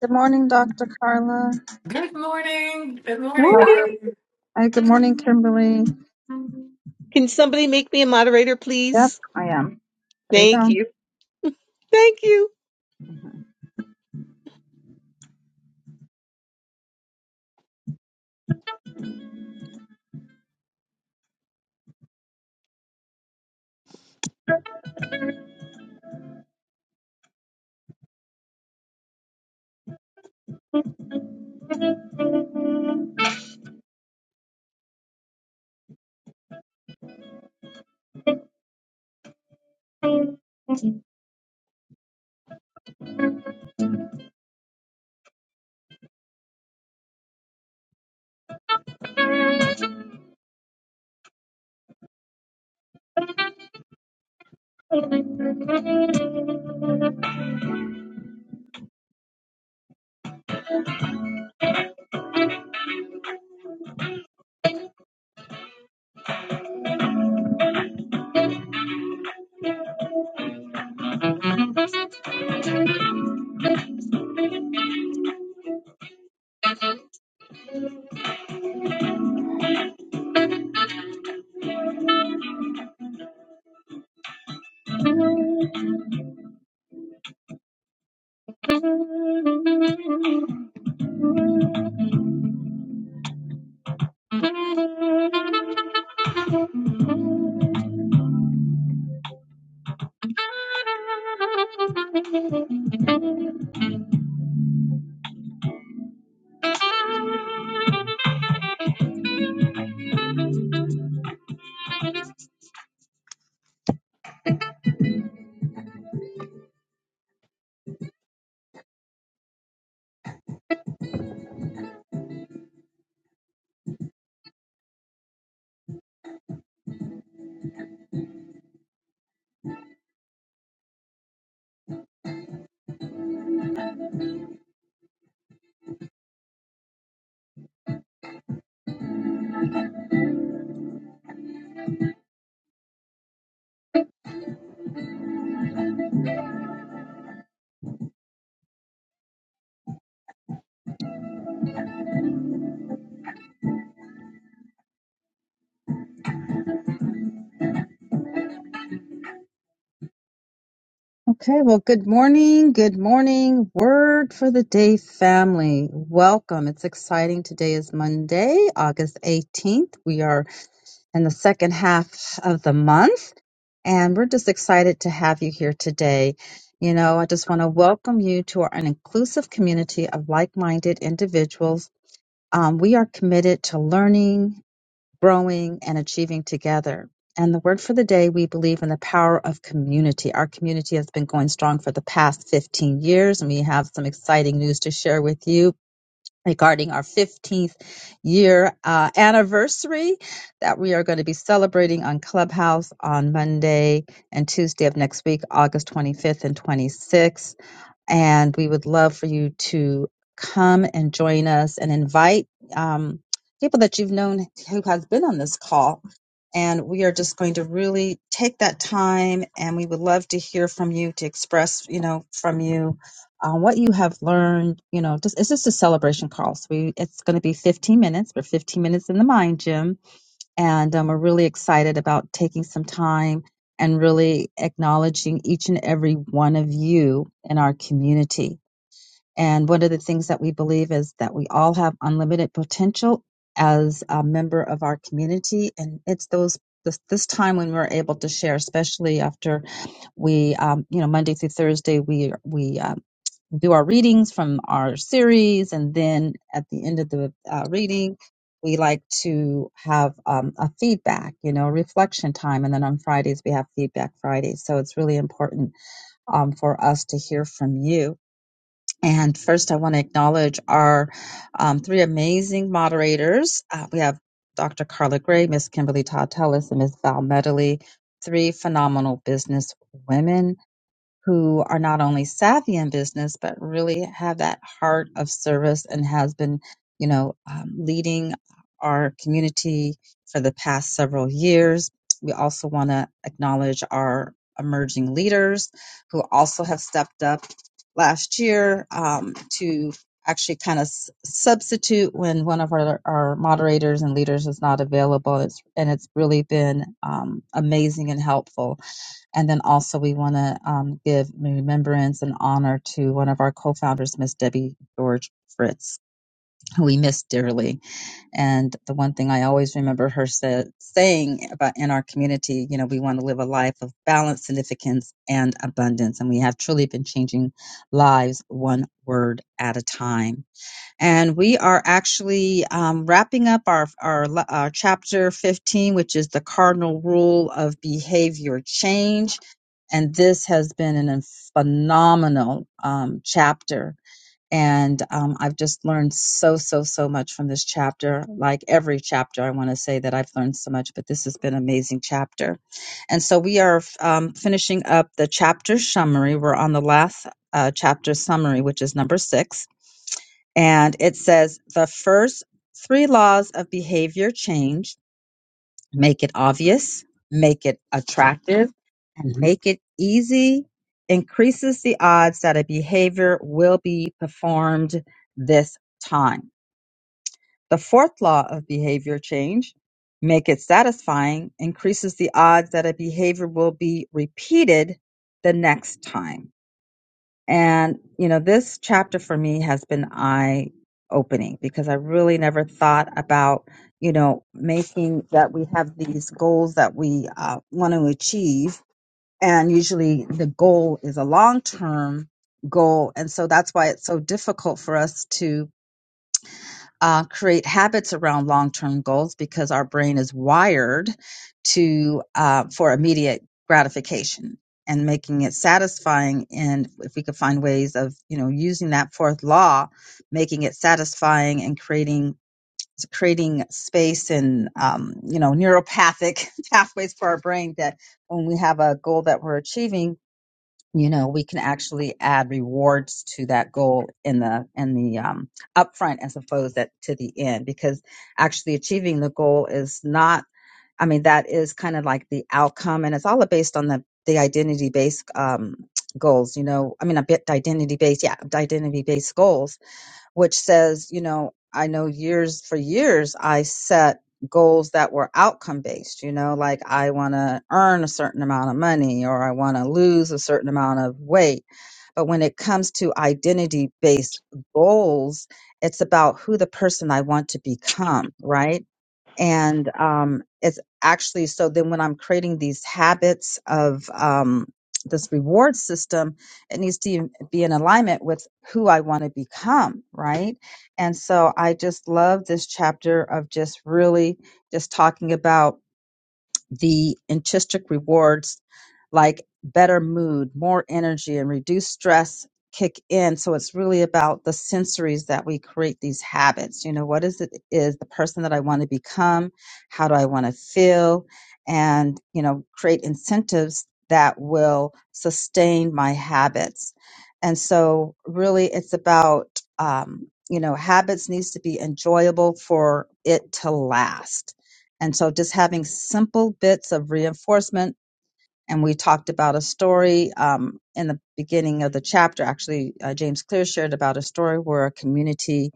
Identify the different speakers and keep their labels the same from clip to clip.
Speaker 1: Good morning, Dr. Carla.
Speaker 2: Good morning. Good morning.
Speaker 1: Oh,
Speaker 3: Morning.
Speaker 1: Hi. good morning, Kimberly.
Speaker 3: Can somebody make me a moderator,
Speaker 1: Yep,
Speaker 3: please?
Speaker 1: I am. There you
Speaker 3: Thank
Speaker 1: go.
Speaker 3: you. Thank you.
Speaker 1: Okay, well, good morning. Good morning. Word for the day, family. Welcome. It's exciting. Today is Monday, August 18th. We are in the second half of the month. And we're just excited to have you here today. You know, I just want to welcome you to our, an inclusive community of like minded individuals. Um, we are committed to learning, growing, and achieving together. And the word for the day, we believe in the power of community. Our community has been going strong for the past 15 years, and we have some exciting news to share with you regarding our 15th year uh, anniversary that we are going to be celebrating on Clubhouse on Monday and Tuesday of next week, August 25th and 26th and we would love for you to come and join us and invite um, people that you've known who has been on this call. And we are just going to really take that time, and we would love to hear from you to express, you know, from you uh, what you have learned. You know, just, it's just a celebration call. So we, it's going to be 15 minutes. We're 15 minutes in the mind gym and um, we're really excited about taking some time and really acknowledging each and every one of you in our community. And one of the things that we believe is that we all have unlimited potential as a member of our community, and it's those this, this time when we're able to share, especially after we, um, you know, Monday through Thursday, we we uh, do our readings from our series, and then at the end of the uh, reading, we like to have um, a feedback, you know, reflection time, and then on Fridays we have feedback Fridays. So it's really important um, for us to hear from you. And first, I want to acknowledge our um, three amazing moderators. Uh, we have Dr. Carla Gray, Miss Kimberly Todd Tellis, and Miss Val Medley, three phenomenal business women who are not only savvy in business but really have that heart of service and has been you know um, leading our community for the past several years we also want to acknowledge our emerging leaders who also have stepped up last year um, to actually kind of s- substitute when one of our, our moderators and leaders is not available it's, and it's really been um, amazing and helpful and then also we want to um, give remembrance and honor to one of our co-founders, Miss Debbie George Fritz, who we miss dearly. And the one thing I always remember her sa- saying about in our community, you know, we want to live a life of balance, significance, and abundance. And we have truly been changing lives one word at a time. And we are actually um, wrapping up our, our, our chapter 15, which is the cardinal rule of behavior change and this has been an, a phenomenal um, chapter. And um, I've just learned so, so, so much from this chapter. Like every chapter, I want to say that I've learned so much, but this has been an amazing chapter. And so we are um, finishing up the chapter summary. We're on the last uh, chapter summary, which is number six. And it says the first three laws of behavior change make it obvious, make it attractive, and make it easy increases the odds that a behavior will be performed this time. The fourth law of behavior change, make it satisfying, increases the odds that a behavior will be repeated the next time. And, you know, this chapter for me has been eye opening because I really never thought about, you know, making that we have these goals that we uh, want to achieve. And usually the goal is a long term goal. And so that's why it's so difficult for us to uh, create habits around long-term goals because our brain is wired to uh, for immediate gratification and making it satisfying and if we could find ways of you know using that fourth law making it satisfying and creating creating space and um, you know neuropathic pathways for our brain that when we have a goal that we're achieving you know we can actually add rewards to that goal in the in the um, upfront as opposed that to the end because actually achieving the goal is not i mean that is kind of like the outcome and it's all based on the the identity based um, goals you know i mean a bit identity based yeah identity based goals which says, you know, I know years for years I set goals that were outcome based, you know, like I want to earn a certain amount of money or I want to lose a certain amount of weight. But when it comes to identity based goals, it's about who the person I want to become, right? and um, it's actually so then when i'm creating these habits of um, this reward system it needs to be in alignment with who i want to become right and so i just love this chapter of just really just talking about the intrinsic rewards like better mood, more energy, and reduced stress kick in. So it's really about the sensories that we create these habits. You know, what is it is the person that I want to become? How do I want to feel? And, you know, create incentives that will sustain my habits. And so really it's about, um, you know, habits needs to be enjoyable for it to last and so just having simple bits of reinforcement and we talked about a story um, in the beginning of the chapter. Actually, uh, James Clear shared about a story where a community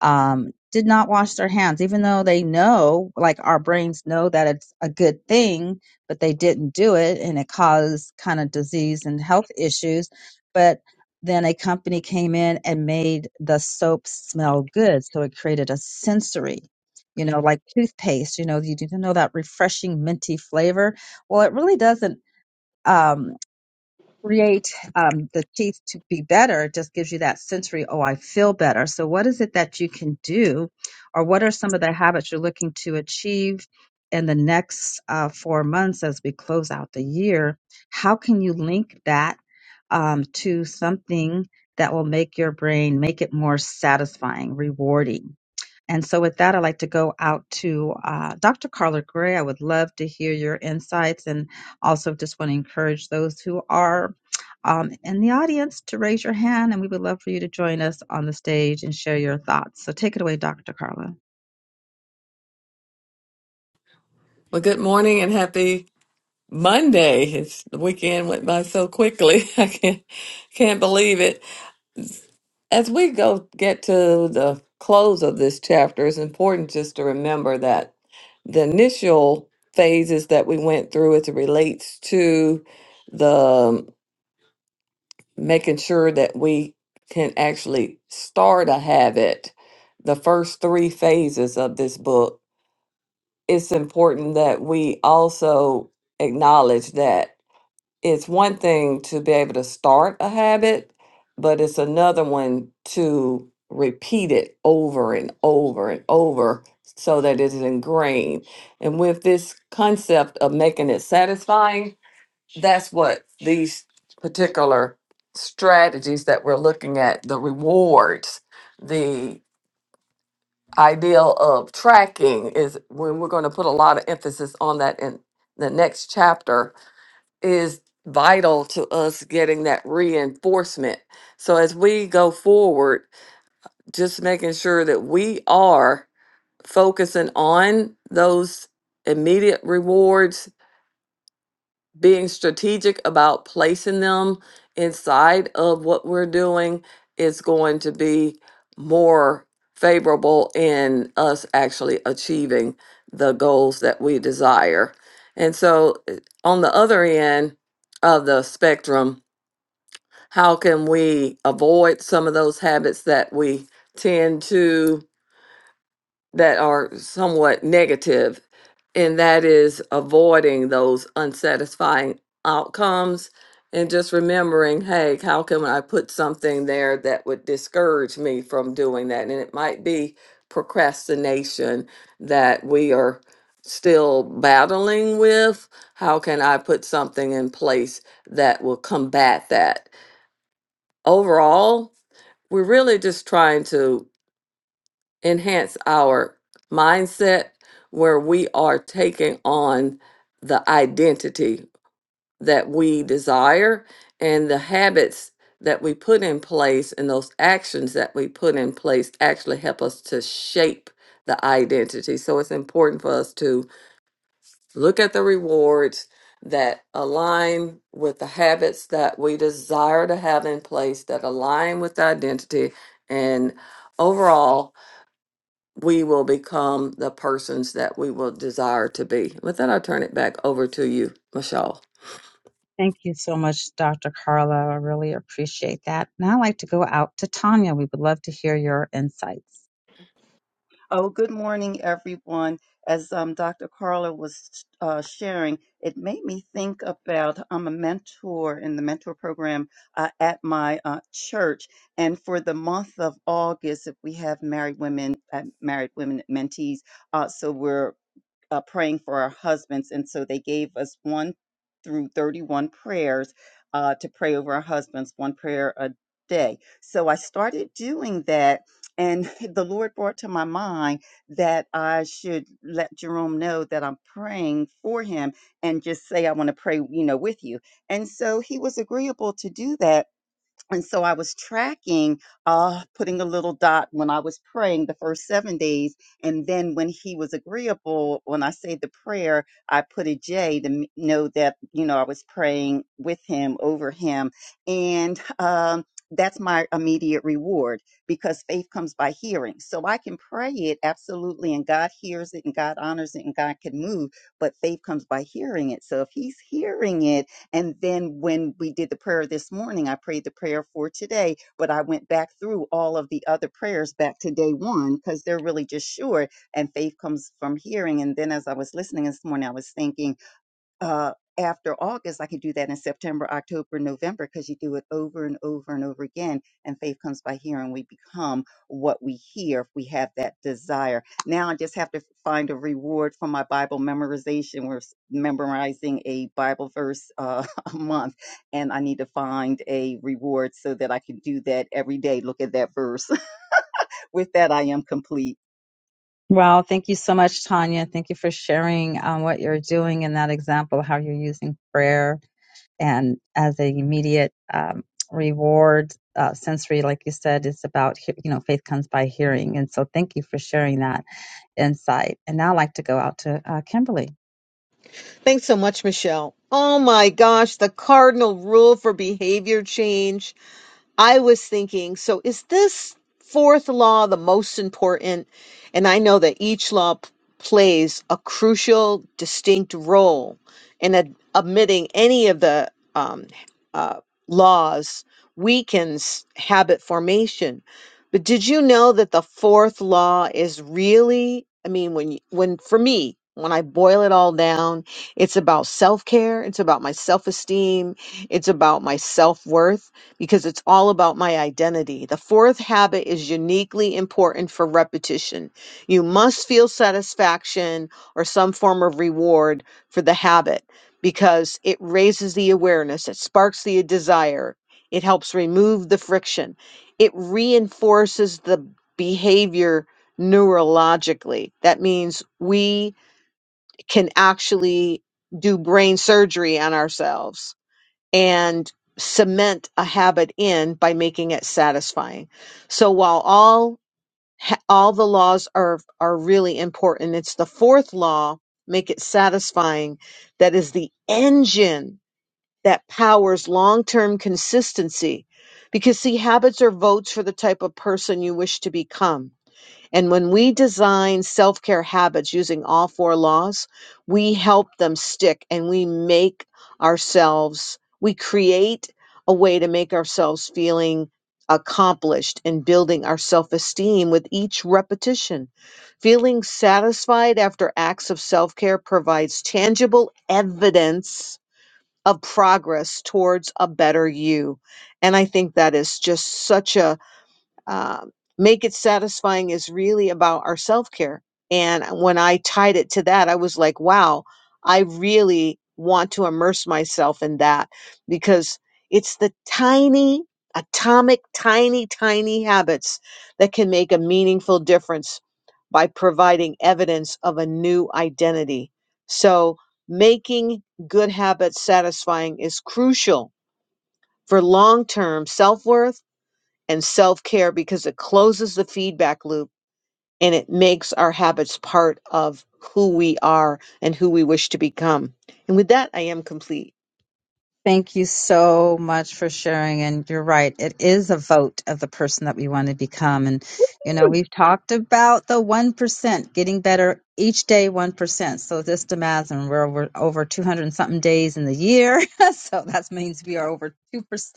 Speaker 1: um, did not wash their hands, even though they know, like our brains know that it's a good thing, but they didn't do it and it caused kind of disease and health issues. But then a company came in and made the soap smell good. So it created a sensory, you know, like toothpaste, you know, you need to know that refreshing minty flavor. Well, it really doesn't um, create um, the teeth to be better it just gives you that sensory, oh, I feel better. So, what is it that you can do, or what are some of the habits you're looking to achieve in the next uh, four months as we close out the year? How can you link that um, to something that will make your brain make it more satisfying, rewarding? And so, with that, I'd like to go out to uh, Dr. Carla Gray. I would love to hear your insights and also just want to encourage those who are um, in the audience to raise your hand, and we would love for you to join us on the stage and share your thoughts. So, take it away, Dr. Carla.
Speaker 2: Well, good morning and happy Monday. It's the weekend went by so quickly. I can't can't believe it. As we go get to the close of this chapter, it's important just to remember that the initial phases that we went through as it relates to the um, making sure that we can actually start a habit. The first three phases of this book it's important that we also acknowledge that it's one thing to be able to start a habit, but it's another one to repeat it over and over and over so that it is ingrained. And with this concept of making it satisfying, that's what these particular strategies that we're looking at the rewards, ideal of tracking is when we're going to put a lot of emphasis on that in the next chapter is vital to us getting that reinforcement. So as we go forward, just making sure that we are focusing on those immediate rewards being strategic about placing them inside of what we're doing is going to be more favorable in us actually achieving the goals that we desire. And so, uh, on the other end of the spectrum, how can we avoid some of those habits that we tend to? that are somewhat negative, and that is avoiding those unsatisfying outcomes and just remembering, hey, how can I put something there that would discourage me from doing that? And it might be procrastination that we are still battling with. How can I put something in place that will combat that? Overall, we're really just trying to enhance our mindset where we are taking on the identity that we desire and the habits that we put in place and those actions that we put in place actually help us to shape the identity. So it's important for us to look at the rewards that align with the habits that we desire to have in place that align with the identity and overall we will become the persons that we will desire to be. With that, i turn it back over to you, Michelle.
Speaker 1: Thank you so much, Dr. Carla. I really appreciate that. Now I'd like to go out to Tanya. We would love to hear your insights.
Speaker 4: Oh, good morning, everyone. As um, Dr. Carla was uh, sharing, it made me think about I'm a mentor in the mentor program uh, at my uh, church, and for the month of August, if we have married women, uh, married women mentees, uh, so we're uh, praying for our husbands. And so they gave us one through 31 prayers uh, to pray over our husbands, one prayer a day. So I started doing that. And the Lord brought to my mind that I should let Jerome know that I'm praying for him and just say, I want to pray, you know, with you. And so he was agreeable to do that and so I was tracking, uh, putting a little dot when I was praying the first seven days. And then when he was agreeable, when I say the prayer, I put a J to m- know that, you know, I was praying with him, over him. And, um, that's my immediate reward because faith comes by hearing. So I can pray it absolutely, and God hears it, and God honors it, and God can move. But faith comes by hearing it. So if He's hearing it, and then when we did the prayer this morning, I prayed the prayer for today, but I went back through all of the other prayers back to day one because they're really just short. And faith comes from hearing. And then as I was listening this morning, I was thinking, uh, after August, I could do that in September, October, November, because you do it over and over and over again. And faith comes by hearing. We become what we hear if we have that desire. Now I just have to find a reward for my Bible memorization. We're s- memorizing a Bible verse uh, a month, and I need to find a reward so that I can do that every day. Look at that verse. With that, I am complete.
Speaker 1: Well, thank you so much, Tanya. Thank you for sharing um, what you're doing in that example, how you're using prayer and as a immediate um, reward. Uh, sensory, like you said, it's about, he- you know, faith comes by hearing. And so thank you for sharing that insight. And now I'd like to go out to uh, Kimberly.
Speaker 3: Thanks so much, Michelle. Oh my gosh, the cardinal rule for behavior change. I was thinking, so is this fourth law the most important? And I know that each law p- plays a crucial, distinct role in ad- admitting any of the um, uh, laws weakens habit formation. But did you know that the fourth law is really, I mean, when you, when for me, when I boil it all down, it's about self-care, it's about my self-esteem, it's about my self-worth because it's all about my identity. The fourth habit is uniquely important for repetition. You must feel satisfaction or some form of reward for the habit because it raises the awareness, it sparks the desire, it helps remove the friction, it reinforces the behavior neurologically. That means we can actually do brain surgery on ourselves and cement a habit in by making it satisfying. So while all ha- all the laws are are really important, it's the fourth law, make it satisfying, that is the engine that powers long-term consistency. Because see habits are votes for the type of person you wish to become. And when we design self care habits using all four laws, we help them stick and we make ourselves, we create a way to make ourselves feeling accomplished and building our self esteem with each repetition. Feeling satisfied after acts of self care provides tangible evidence of progress towards a better you. And I think that is just such a um, make it satisfying is really about our self care. And when I tied it to that, I was like, wow, I really want to immerse myself in that because it's the tiny, atomic, tiny, tiny habits that can make a meaningful difference by providing evidence of a new identity. So, making good habits satisfying is crucial for long term self worth and self care because it closes the feedback loop and it makes our habits part of who we are and who we wish to become. And with that, I am complete.
Speaker 1: Thank you so much for sharing. And you're right. It is a vote of the person that we want to become. And, you know, we've talked about the 1% getting better each day, 1%. So this the math, and we're over, over 200 and something days in the year. so that means we are over 2%,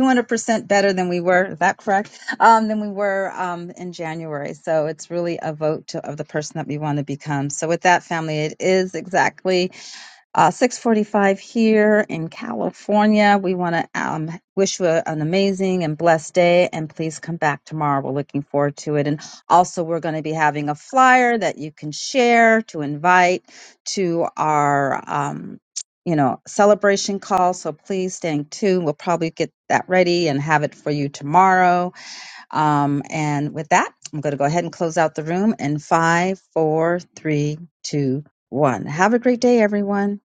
Speaker 1: 200% better than we were. Is that correct? Um, than we were um, in January. So it's really a vote to, of the person that we want to become. So with that, family, it is exactly uh, 6:45 here in California. We want to um, wish you a- an amazing and blessed day, and please come back tomorrow. We're looking forward to it. And also, we're going to be having a flyer that you can share to invite to our, um, you know, celebration call. So please stay tuned. We'll probably get that ready and have it for you tomorrow um, and with that, I'm going to go ahead and close out the room in five, four, three, two, one. Have a great day, everyone.